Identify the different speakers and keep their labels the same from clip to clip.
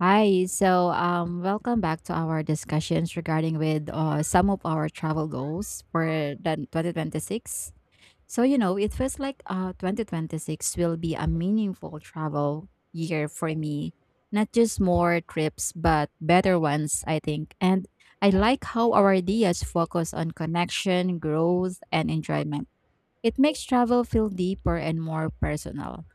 Speaker 1: Hi, welcome back to our discussions regarding with some of our travel goals for the 2026. So it feels like 2026 will be a meaningful travel year for me. Not just more trips, but better ones, I think. And I like how our ideas focus on connection, growth, and enjoyment. It makes travel feel deeper and more personal.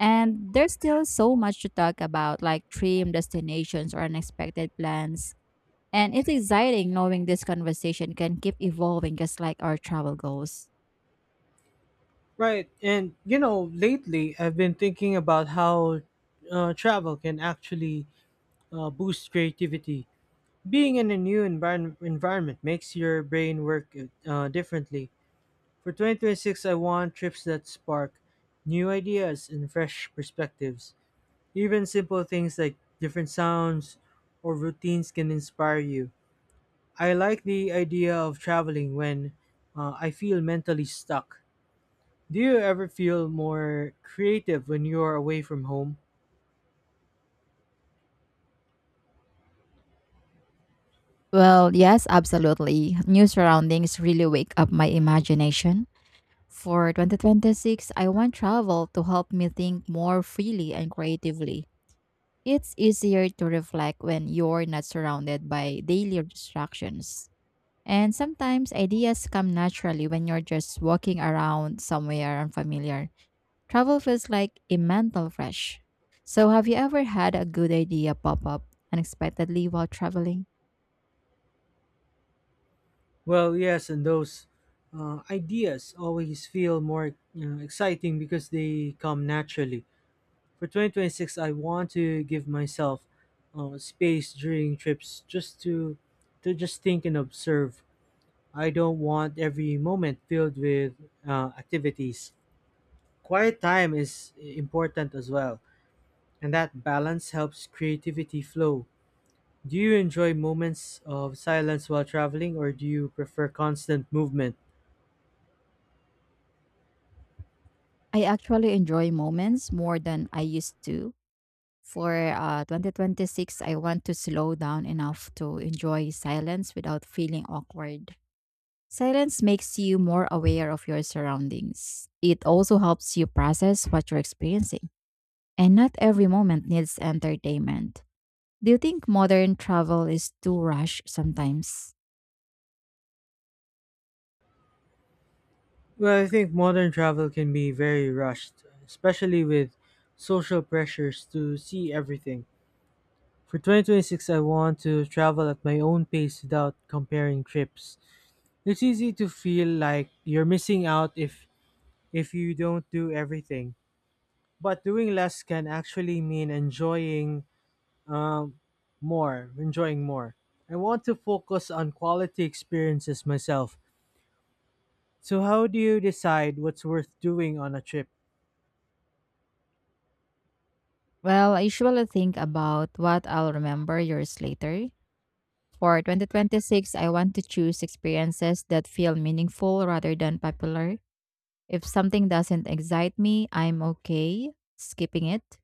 Speaker 1: And there's still so much to talk about, like dream destinations or unexpected plans. And it's exciting knowing this conversation can keep evolving just like our travel goals.
Speaker 2: Right. And lately I've been thinking about how travel can actually boost creativity. Being in a new environment makes your brain work differently. For 2026, I want trips that spark new ideas and fresh perspectives. Even simple things like different sounds or routines can inspire you. I like the idea of traveling when I feel mentally stuck. Do you ever feel more creative when you are away from home?
Speaker 1: Well, yes, absolutely. New surroundings really wake up my imagination. For 2026, I want travel to help me think more freely and creatively. It's easier to reflect when you're not surrounded by daily distractions. And sometimes ideas come naturally when you're just walking around somewhere unfamiliar. Travel feels like a mental fresh. So, have you ever had a good idea pop up unexpectedly while traveling?
Speaker 2: Well, yes, and those ideas always feel more, exciting because they come naturally. For 2026, I want to give myself space during trips just to just think and observe. I don't want every moment filled with activities. Quiet time is important as well, and that balance helps creativity flow. Do you enjoy moments of silence while traveling, or do you prefer constant movement?
Speaker 1: I actually enjoy moments more than I used to. For 2026, I want to slow down enough to enjoy silence without feeling awkward. Silence makes you more aware of your surroundings. It also helps you process what you're experiencing. And not every moment needs entertainment. Do you think modern travel is too rushed sometimes?
Speaker 2: Well, I think modern travel can be very rushed, especially with social pressures to see everything. For 2026, I want to travel at my own pace without comparing trips. It's easy to feel like you're missing out if you don't do everything. But doing less can actually mean enjoying um, more, enjoying more. I want to focus on quality experiences myself. So, how do you decide what's worth doing on a trip?
Speaker 1: Well, I usually think about what I'll remember years later. For 2026, I want to choose experiences that feel meaningful rather than popular. If something doesn't excite me, I'm okay skipping it.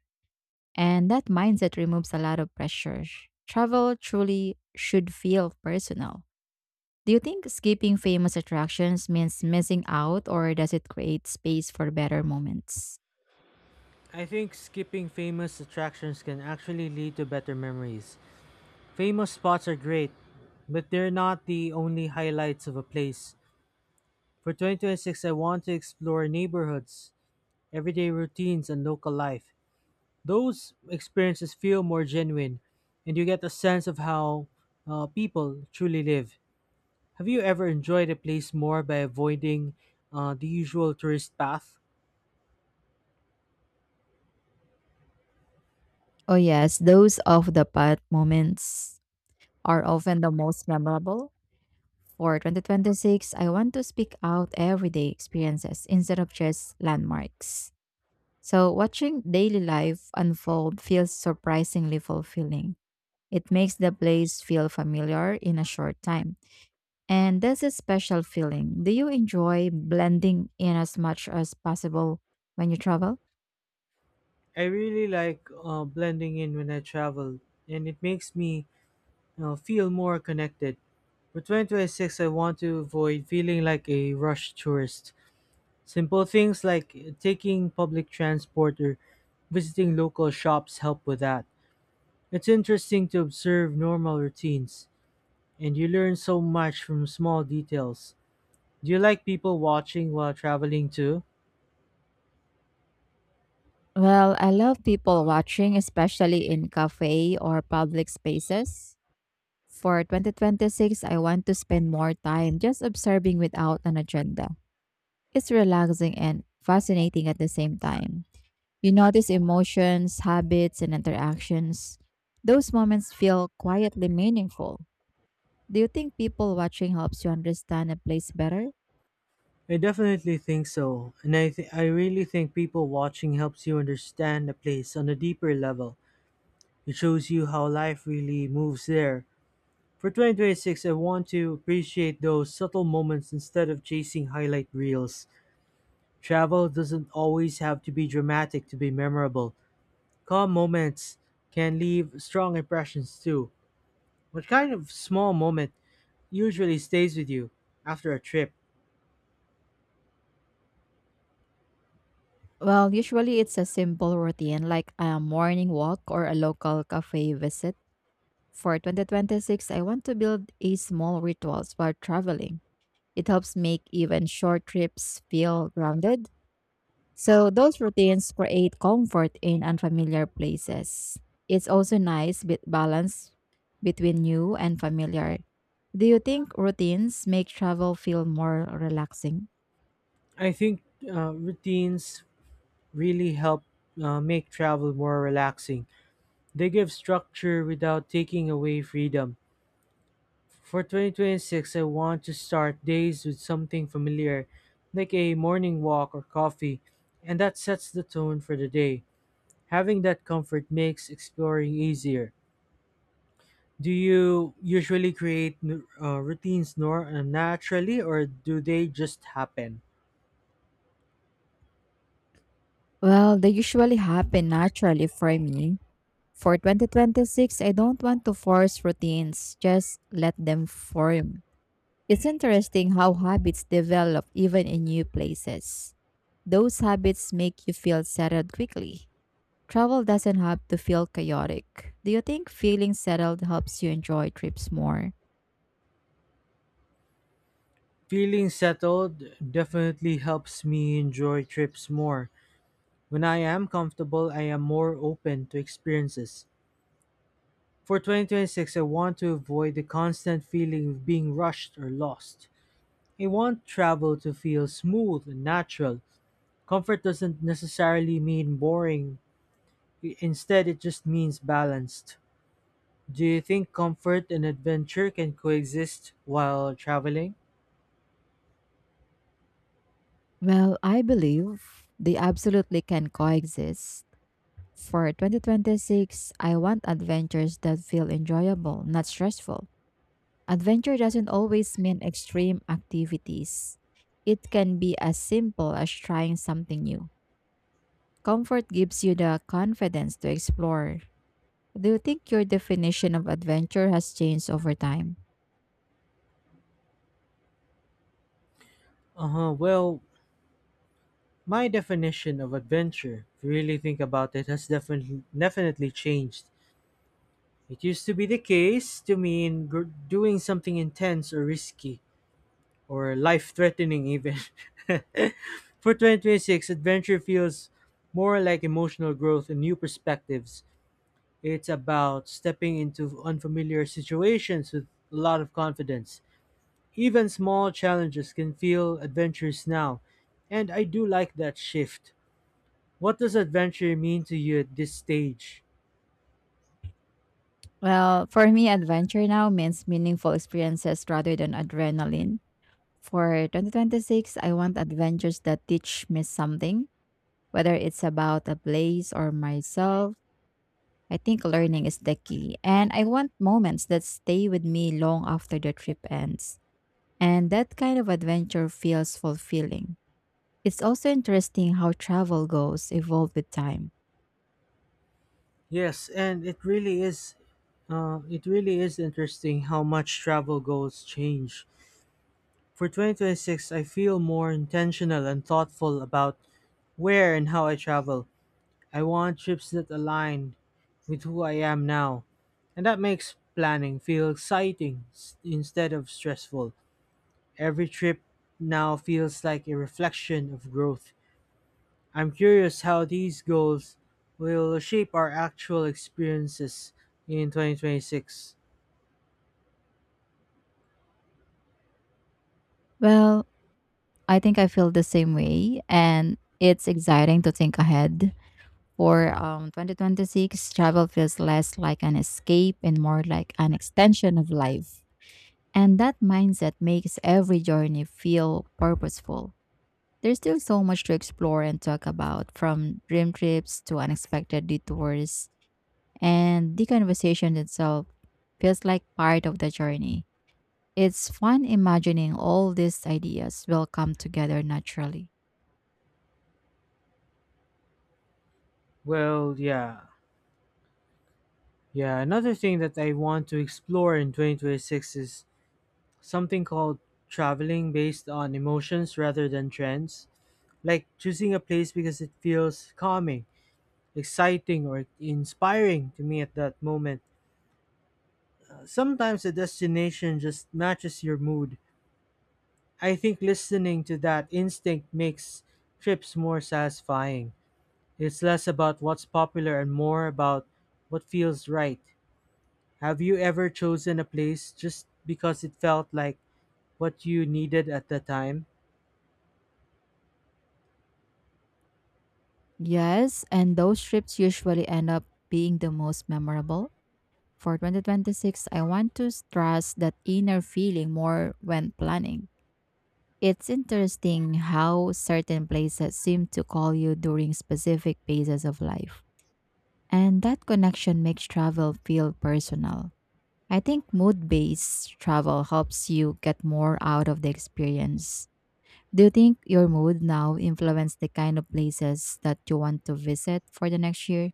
Speaker 1: And that mindset removes a lot of pressure. Travel truly should feel personal. Do you think skipping famous attractions means missing out or does it create space for better moments?
Speaker 2: I think skipping famous attractions can actually lead to better memories. Famous spots are great, but they're not the only highlights of a place. For 2026, I want to explore neighborhoods, everyday routines, and local life. Those experiences feel more genuine, and you get a sense of how people truly live. Have you ever enjoyed a place more by avoiding the usual tourist path?
Speaker 1: Oh, yes, those off the path moments are often the most memorable. For 2026, I want to speak out everyday experiences instead of just landmarks. So, watching daily life unfold feels surprisingly fulfilling. It makes the place feel familiar in a short time. And that's a special feeling. Do you enjoy blending in as much as possible when you travel?
Speaker 2: I really like blending in when I travel, and it makes me feel more connected. For 2026, I want to avoid feeling like a rush tourist. Simple things like taking public transport or visiting local shops help with that. It's interesting to observe normal routines, and you learn so much from small details. Do you like people watching while traveling too?
Speaker 1: Well, I love people watching, especially in cafe or public spaces. For 2026, I want to spend more time just observing without an agenda. It's relaxing and fascinating at the same time. You notice emotions, habits, and interactions. Those moments feel quietly meaningful. Do you think people watching helps you understand a place better?
Speaker 2: I definitely think so, and I really think people watching helps you understand the place on a deeper level. It shows you how life really moves there. For 2026, I want to appreciate those subtle moments instead of chasing highlight reels. Travel doesn't always have to be dramatic to be memorable. Calm moments can leave strong impressions too. What kind of small moment usually stays with you after a trip?
Speaker 1: Well, usually it's a simple routine like a morning walk or a local cafe visit. For 2026, I want to build a small rituals while traveling. It helps make even short trips feel grounded. So those routines create comfort in unfamiliar places. It's also nice bit balance between new and familiar. Do you think routines make travel feel more relaxing?
Speaker 2: I think routines really help make travel more relaxing. They give structure without taking away freedom. For 2026, I want to start days with something familiar, like a morning walk or coffee, and that sets the tone for the day. Having that comfort makes exploring easier. Do you usually create routines naturally, or do they just happen?
Speaker 1: Well, they usually happen naturally for me. For 2026, I don't want to force routines, just let them form. It's interesting how habits develop even in new places. Those habits make you feel settled quickly. Travel doesn't have to feel chaotic. Do you think feeling settled helps you enjoy trips more?
Speaker 2: Feeling settled definitely helps me enjoy trips more. When I am comfortable, I am more open to experiences. For 2026, I want to avoid the constant feeling of being rushed or lost. I want travel to feel smooth and natural. Comfort doesn't necessarily mean boring; instead, it just means balanced. Do you think comfort and adventure can coexist while traveling?
Speaker 1: Well, I believe they absolutely can coexist. For 2026, I want adventures that feel enjoyable, not stressful. Adventure doesn't always mean extreme activities. It can be as simple as trying something new. Comfort gives you the confidence to explore. Do you think your definition of adventure has changed over time?
Speaker 2: Uh huh. Well, my definition of adventure, if you really think about it, has definitely changed. It used to be the case to mean doing something intense or risky, or life threatening, even. For 2026, adventure feels more like emotional growth and new perspectives. It's about stepping into unfamiliar situations with a lot of confidence. Even small challenges can feel adventurous now, and I do like that shift. What does adventure mean to you at this stage?
Speaker 1: Well, for me, adventure now means meaningful experiences rather than adrenaline. For 2026, I want adventures that teach me something, whether it's about a place or myself. I think learning is the key, and I want moments that stay with me long after the trip ends. And that kind of adventure feels fulfilling. It's also interesting how travel goals evolve with time.
Speaker 2: Yes, and it really is interesting how much travel goals change. For 2026, I feel more intentional and thoughtful about where and how I travel. I want trips that align with who I am now, and that makes planning feel instead of stressful. Every trip now feels like a reflection of growth. I'm curious how these goals will shape our actual experiences in 2026.
Speaker 1: Well, I think I feel the same way, and it's exciting to think ahead. For 2026, travel feels less like an escape and more like an extension of life. And that mindset makes every journey feel purposeful. There's still so much to explore and talk about, from dream trips to unexpected detours, and the conversation itself feels like part of the journey. It's fun imagining all these ideas will come together naturally.
Speaker 2: Well, yeah. Yeah, Another thing that I want to explore in 2026 is something called traveling based on emotions rather than trends. Like choosing a place because it feels calming, exciting, or inspiring to me at that moment. Sometimes a destination just matches your mood. I think listening to that instinct makes trips more satisfying. It's less about what's popular and more about what feels right. Have you ever chosen a place just because it felt like what you needed at the time?
Speaker 1: Yes, and those trips usually end up being the most memorable. For 2026, I want to stress that inner feeling more when planning. It's interesting how certain places seem to call you during specific phases of life. And that connection makes travel feel personal. I think mood based travel helps you get more out of the experience. Do you think your mood now influences the kind of places that you want to visit for the next year?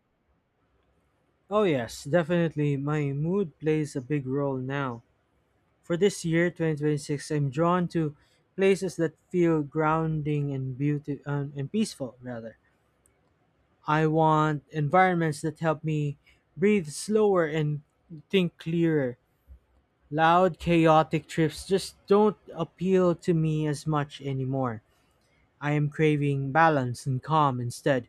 Speaker 2: Oh, yes, definitely. My mood plays a big role now. For this year, 2026, I'm drawn to places that feel grounding and beauty and peaceful, rather. I want environments that help me breathe slower and think clearer. Loud, chaotic trips just don't appeal to me as much anymore. I am craving balance and calm instead.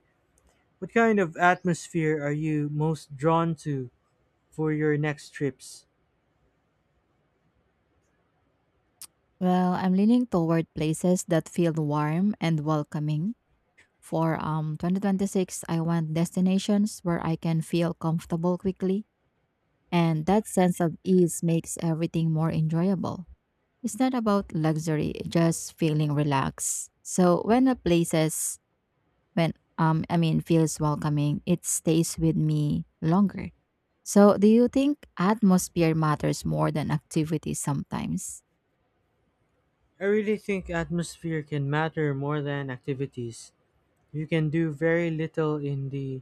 Speaker 2: What kind of atmosphere are you most drawn to for your next trips?
Speaker 1: Well, I'm leaning toward places that feel warm and welcoming. For 2026, I want destinations where I can feel comfortable quickly. And that sense of ease makes everything more enjoyable. It's not about luxury, it's just feeling relaxed. So when a places when I mean feels welcoming, it stays with me longer. So do you think atmosphere matters more than activity sometimes?
Speaker 2: I really think atmosphere can matter more than activities. You can do very little in the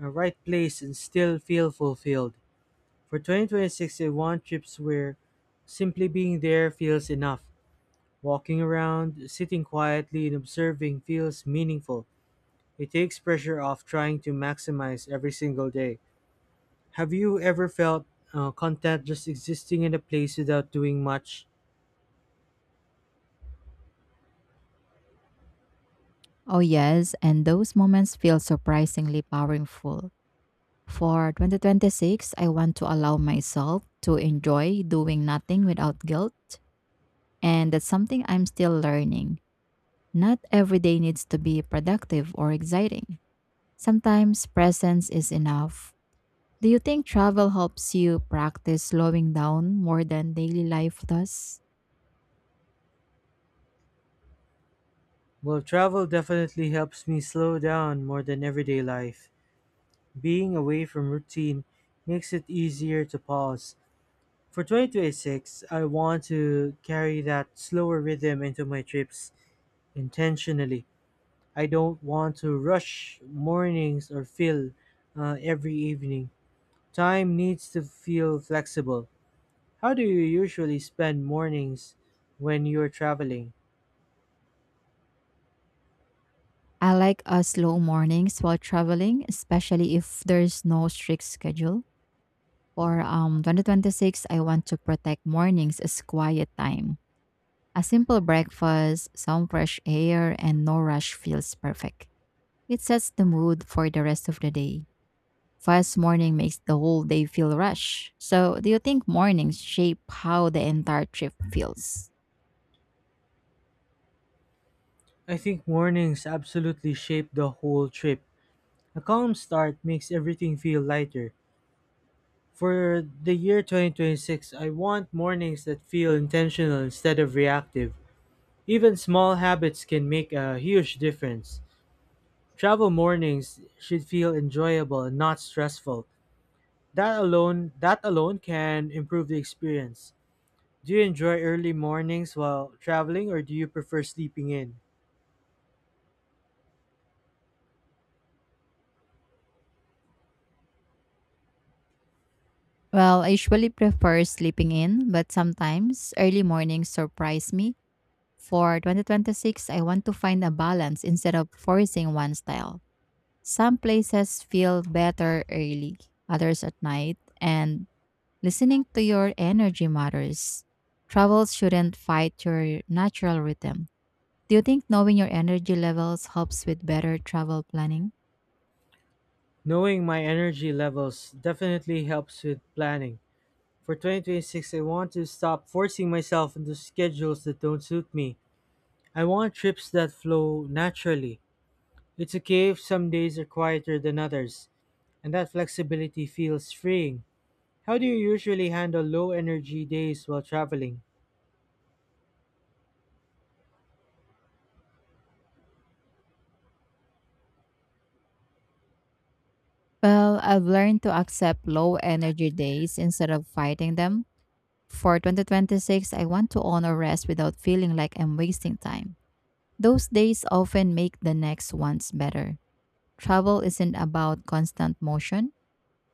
Speaker 2: right place and still feel fulfilled. For 2026, I want trips where simply being there feels enough. Walking around, sitting quietly, and observing feels meaningful. It takes pressure off trying to maximize every single day. Have you ever felt content just existing in a place without doing much?
Speaker 1: Oh yes, and those moments feel surprisingly powerful. For 2026, I want to allow myself to enjoy doing nothing without guilt. And that's something I'm still learning. Not every day needs to be productive or exciting. Sometimes presence is enough. Do you think travel helps you practice slowing down more than daily life does?
Speaker 2: Well, travel definitely helps me slow down more than everyday life. Being away from routine makes it easier to pause. For 2026, I want to carry that slower rhythm into my trips intentionally. I don't want to rush mornings or fill every evening. Time needs to feel flexible. How do you usually spend mornings when you're traveling?
Speaker 1: I like slow mornings while traveling, especially if there's no strict schedule. For 2026, I want to protect mornings as quiet time. A simple breakfast, some fresh air, and no rush feels perfect. It sets the mood for the rest of the day. Fast morning makes the whole day feel rushed. So, do you think mornings shape how the entire trip feels?
Speaker 2: I think mornings absolutely shape the whole trip. A calm start makes everything feel lighter. For the year 2026, I want mornings that feel intentional instead of reactive. Even small habits can make a huge difference. Travel mornings should feel enjoyable and not stressful. That alone can improve the experience. Do you enjoy early mornings while traveling, or do you prefer sleeping in?
Speaker 1: Well, I usually prefer sleeping in, but sometimes early mornings surprise me. For 2026, I want to find a balance instead of forcing one style. Some places feel better early, others at night, and listening to your energy matters. Travel shouldn't fight your natural rhythm. Do you think knowing your energy levels helps with better travel planning?
Speaker 2: Knowing my energy levels definitely helps with planning. For 2026, I want to stop forcing myself into schedules that don't suit me. I want trips that flow naturally. It's okay if some days are quieter than others, and that flexibility feels freeing. How do you usually handle low energy days while traveling?
Speaker 1: Well, I've learned to accept low energy days instead of fighting them. For 2026, I want to honor rest without feeling like I'm wasting time. Those days often make the next ones better. Travel isn't about constant motion,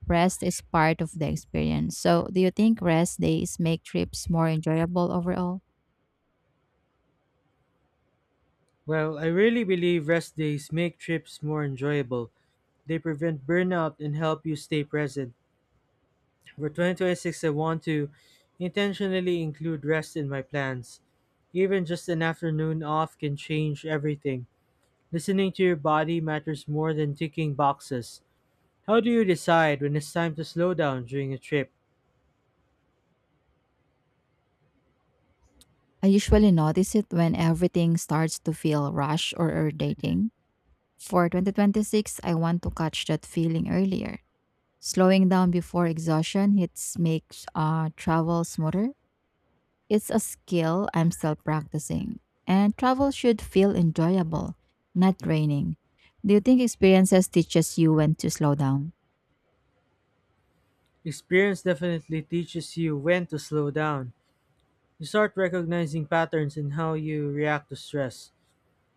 Speaker 1: rest is part of the experience. So, do you think rest days make trips more enjoyable overall?
Speaker 2: Well, I really believe rest days make trips more enjoyable. They prevent burnout and help you stay present. For 2026, I want to intentionally include rest in my plans. Even just an afternoon off can change everything. Listening to your body matters more than ticking boxes. How do you decide when it's time to slow down during a trip?
Speaker 1: I usually notice it when everything starts to feel rushed or irritating. For 2026, I want to catch that feeling earlier. Slowing down before exhaustion hits makes travel smoother. It's a skill I'm still practicing. And travel should feel enjoyable, not draining. Do you think experiences teaches you when to slow down?
Speaker 2: Experience definitely teaches you when to slow down. You start recognizing patterns in how you react to stress.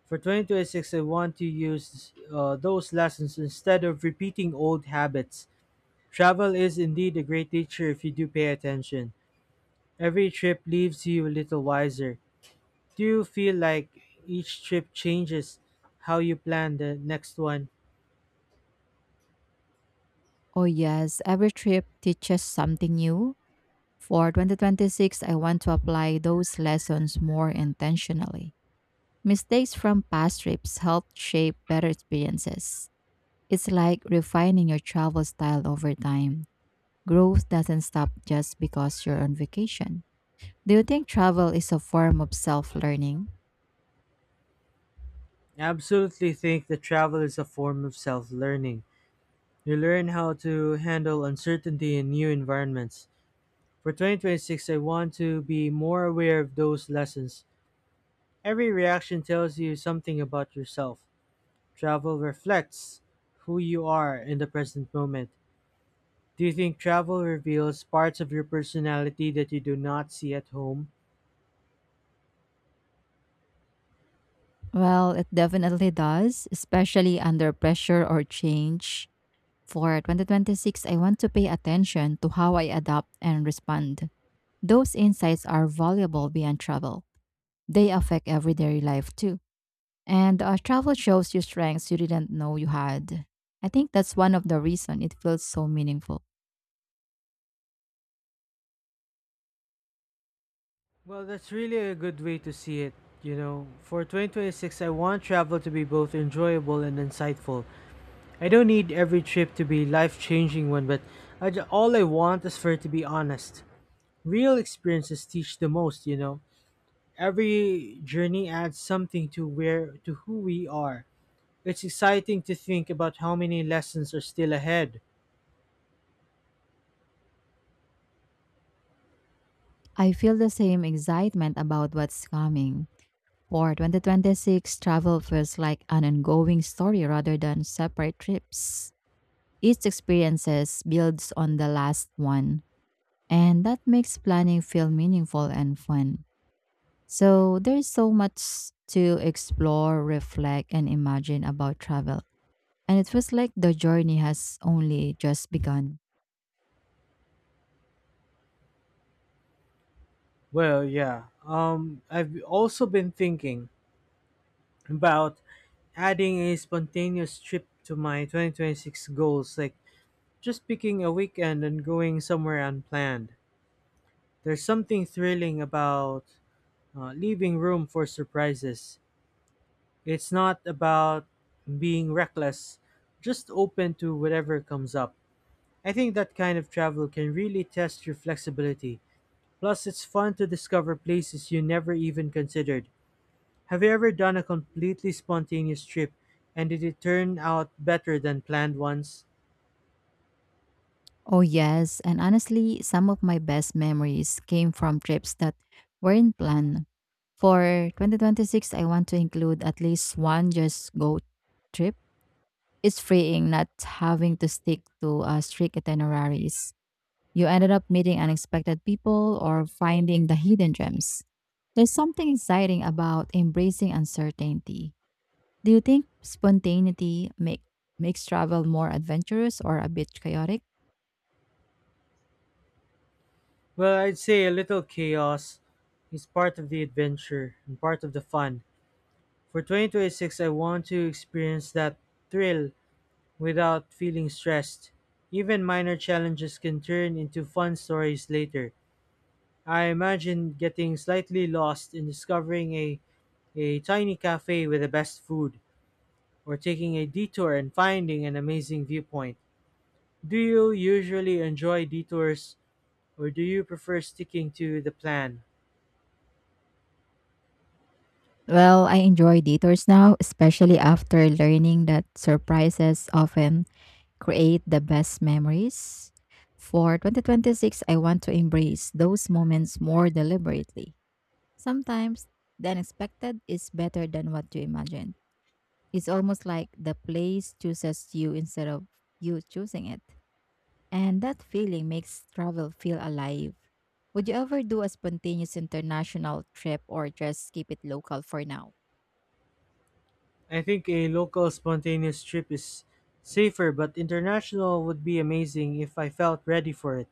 Speaker 2: For 2026, I want to use those lessons instead of repeating old habits. Travel is indeed a great teacher if you do pay attention. Every trip leaves you a little wiser. Do you feel like each trip changes how you plan the next one?
Speaker 1: Oh yes, every trip teaches something new. For 2026, I want to apply those lessons more intentionally. Mistakes from past trips help shape better experiences. It's like refining your travel style over time. Growth doesn't stop just because you're on vacation. Do you think travel is a form of self learning?
Speaker 2: I absolutely think that travel is a form of self learning. You learn how to handle uncertainty in new environments. For 2026, I want to be more aware of those lessons. Every reaction tells you something about yourself. Travel reflects who you are in the present moment. Do you think travel reveals parts of your personality that you do not see at home?
Speaker 1: Well, it definitely does, especially under pressure or change. For 2026, I want to pay attention to how I adapt and respond. Those insights are valuable beyond travel, they affect everyday life too. And travel shows you strengths you didn't know you had. I think that's one of the reasons it feels so meaningful.
Speaker 2: Well, that's really a good way to see it. You know, for 2026, I want travel to be both enjoyable and insightful. I don't need every trip to be life changing one, but all I want is for it to be honest. Real experiences teach the most, you know. Every journey adds something to where to who we are. It's exciting to think about how many lessons are still ahead.
Speaker 1: I feel the same excitement about what's coming. For 2026, travel feels like an ongoing story rather than separate trips. Each experiences builds on the last one, and that makes planning feel meaningful and fun. So there's so much to explore, reflect, and imagine about travel, and it feels like the journey has only just begun.
Speaker 2: Well, yeah. I've also been thinking about adding a spontaneous trip to my 2026 goals, like just picking a weekend and going somewhere unplanned. There's something thrilling about leaving room for surprises. It's not about being reckless, just open to whatever comes up. I think that kind of travel can really test your flexibility. Plus, it's fun to discover places you never even considered. Have you ever done a completely spontaneous trip, and did it turn out better than planned ones?
Speaker 1: Oh, yes, and honestly, some of my best memories came from trips that weren't planned. For 2026, I want to include at least one just go trip. It's freeing not having to stick to strict itineraries. You ended up meeting unexpected people or finding the hidden gems. There's something exciting about embracing uncertainty. Do you think spontaneity makes travel more adventurous or a bit chaotic?
Speaker 2: Well, I'd say a little chaos is part of the adventure and part of the fun. For 2026, I want to experience that thrill without feeling stressed. Even minor challenges can turn into fun stories later. I imagine getting slightly lost in a tiny cafe with the best food, or taking a detour and finding an amazing viewpoint. Do you usually enjoy detours, or do you prefer sticking to the plan?
Speaker 1: Well, I enjoy detours now, especially after learning that surprises often create the best memories. For 2026, I want to embrace those moments more deliberately. Sometimes the unexpected is better than what you imagine. It's almost like the place chooses you instead of you choosing it. And that feeling makes travel feel alive. Would you ever do a spontaneous international trip or just keep it local for now?
Speaker 2: I think a local spontaneous trip is safer, but international would be amazing if I felt ready for it.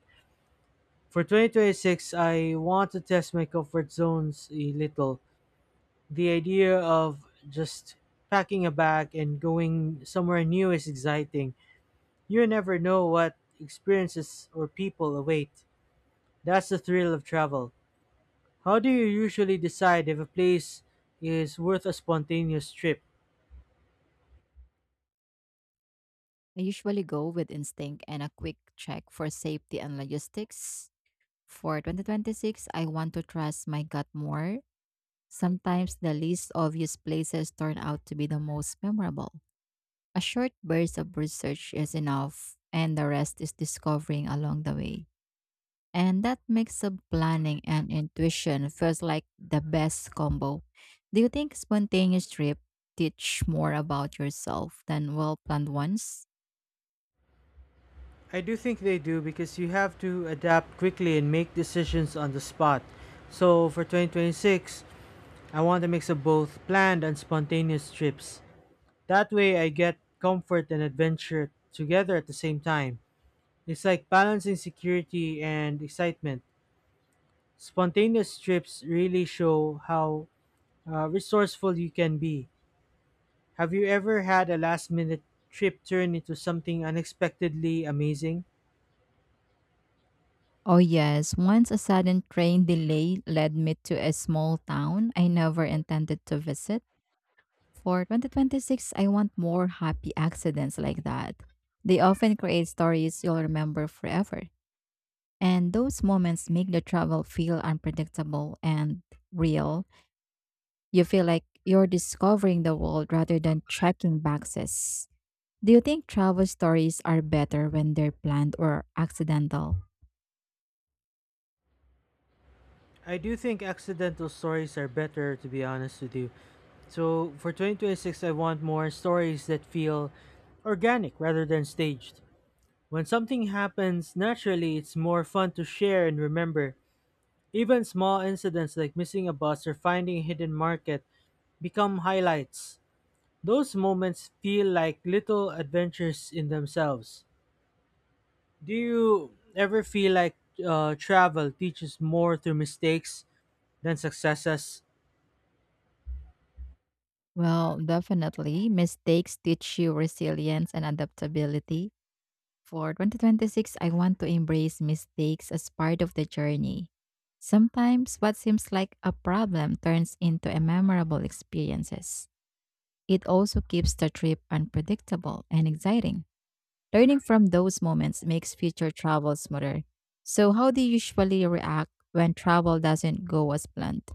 Speaker 2: For 2026, I want to test my comfort zones a little. The idea of just packing a bag and going somewhere new is exciting. You never know what experiences or people await. That's the thrill of travel. How do you usually decide if a place is worth a spontaneous trip?
Speaker 1: I usually go with instinct and a quick check for safety and logistics. For 2026, I want to trust my gut more. Sometimes the least obvious places turn out to be the most memorable. A short burst of research is enough, and the rest is discovering along the way. And that mix of planning and intuition feels like the best combo. Do you think spontaneous trips teach more about yourself than well planned ones?
Speaker 2: I do think they do, because you have to adapt quickly and make decisions on the spot. So for 2026, I want a mix of both planned and spontaneous trips. That way, I get comfort and adventure together at the same time. It's like balancing security and excitement. Spontaneous trips really show how resourceful you can be. Have you ever had a last minute trip turn into something unexpectedly amazing?
Speaker 1: Oh, yes. Once a sudden train delay led me to a small town I never intended to visit. For 2026, I want more happy accidents like that. They often create stories you'll remember forever. And those moments make the travel feel unpredictable and real. You feel like you're discovering the world rather than checking boxes. Do you think travel stories are better when they're planned or accidental?
Speaker 2: I do think accidental stories are better, to be honest with you. So for 2026, I want more stories that feel organic rather than staged. When something happens naturally, it's more fun to share and remember. Even small incidents like missing a bus or finding a hidden market become highlights. Those moments feel like little adventures in themselves. Do you ever feel like travel teaches more through mistakes than successes?
Speaker 1: Well, definitely. Mistakes teach you resilience and adaptability. For 2026, I want to embrace mistakes as part of the journey. Sometimes what seems like a problem turns into a memorable experiences. It also keeps the trip unpredictable and exciting. Learning from those moments makes future travel smoother. So, how do you usually react when travel doesn't go as planned?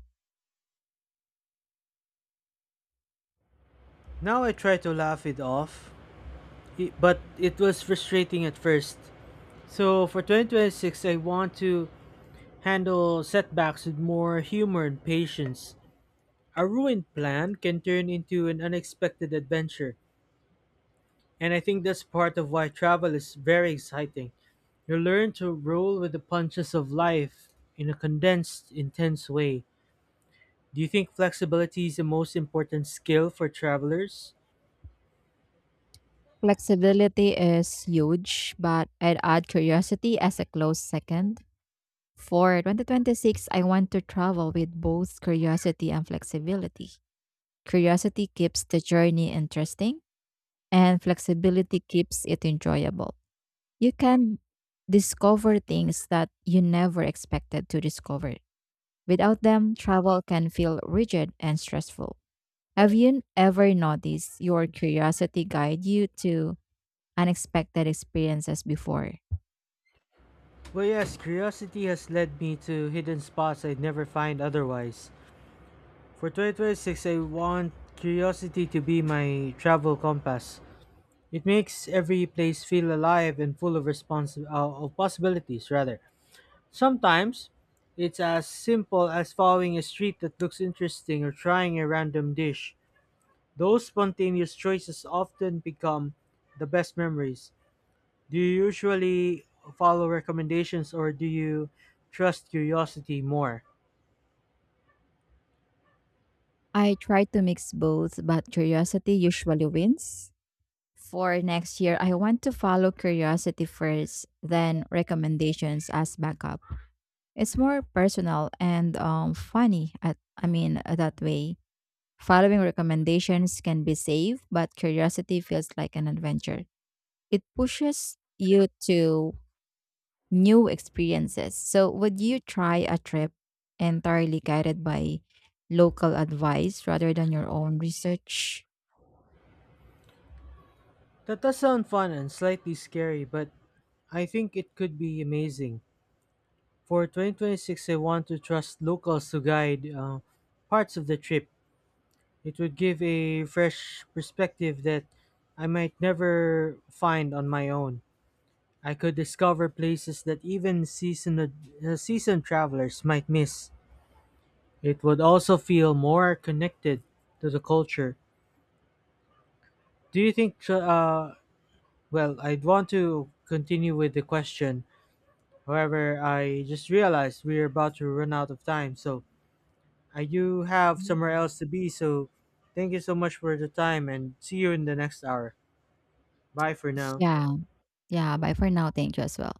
Speaker 2: Now I try to laugh it off, but it was frustrating at first. So for 2026, I want to handle setbacks with more humor and patience. A ruined plan can turn into an unexpected adventure, and I think that's part of why travel is very exciting. You learn to roll with the punches of life in a condensed, intense way. Do you think flexibility is the most important skill for travelers?
Speaker 1: Flexibility is huge, but I'd add curiosity as a close second. For 2026, I want to travel with both curiosity and flexibility. Curiosity keeps the journey interesting, and flexibility keeps it enjoyable. You can discover things that you never expected to discover. Without them, travel can feel rigid and stressful. Have you ever noticed your curiosity guide you to unexpected experiences before?
Speaker 2: Well, yes, curiosity has led me to hidden spots I'd never find otherwise. For 2026, I want curiosity to be my travel compass. It makes every place feel alive and full of of possibilities, rather. Sometimes it's as simple as following a street that looks interesting or trying a random dish. Those spontaneous choices often become the best memories. Do you usually follow recommendations, or do you trust curiosity more?
Speaker 1: I try to mix both, but curiosity usually wins. For next year, I want to follow curiosity first, then recommendations as backup. It's more personal and funny. That way. Following recommendations can be safe, but curiosity feels like an adventure. It pushes you to new experiences. So, would you try a trip entirely guided by local advice rather than your own research?
Speaker 2: That does sound fun and slightly scary, but I think it could be amazing. For 2026, I want to trust locals to guide parts of the trip. It would give a fresh perspective that I might never find on my own. I could discover places that seasoned travelers might miss. It would also feel more connected to the culture. Do you think, well, I'd want to continue with the question. However, I just realized we're about to run out of time, so I do have
Speaker 1: Mhm.
Speaker 2: somewhere else to be, so thank you so much for the time, and see you in the next hour. Bye for now.
Speaker 1: Yeah. Yeah. Bye for now. Thank you as well.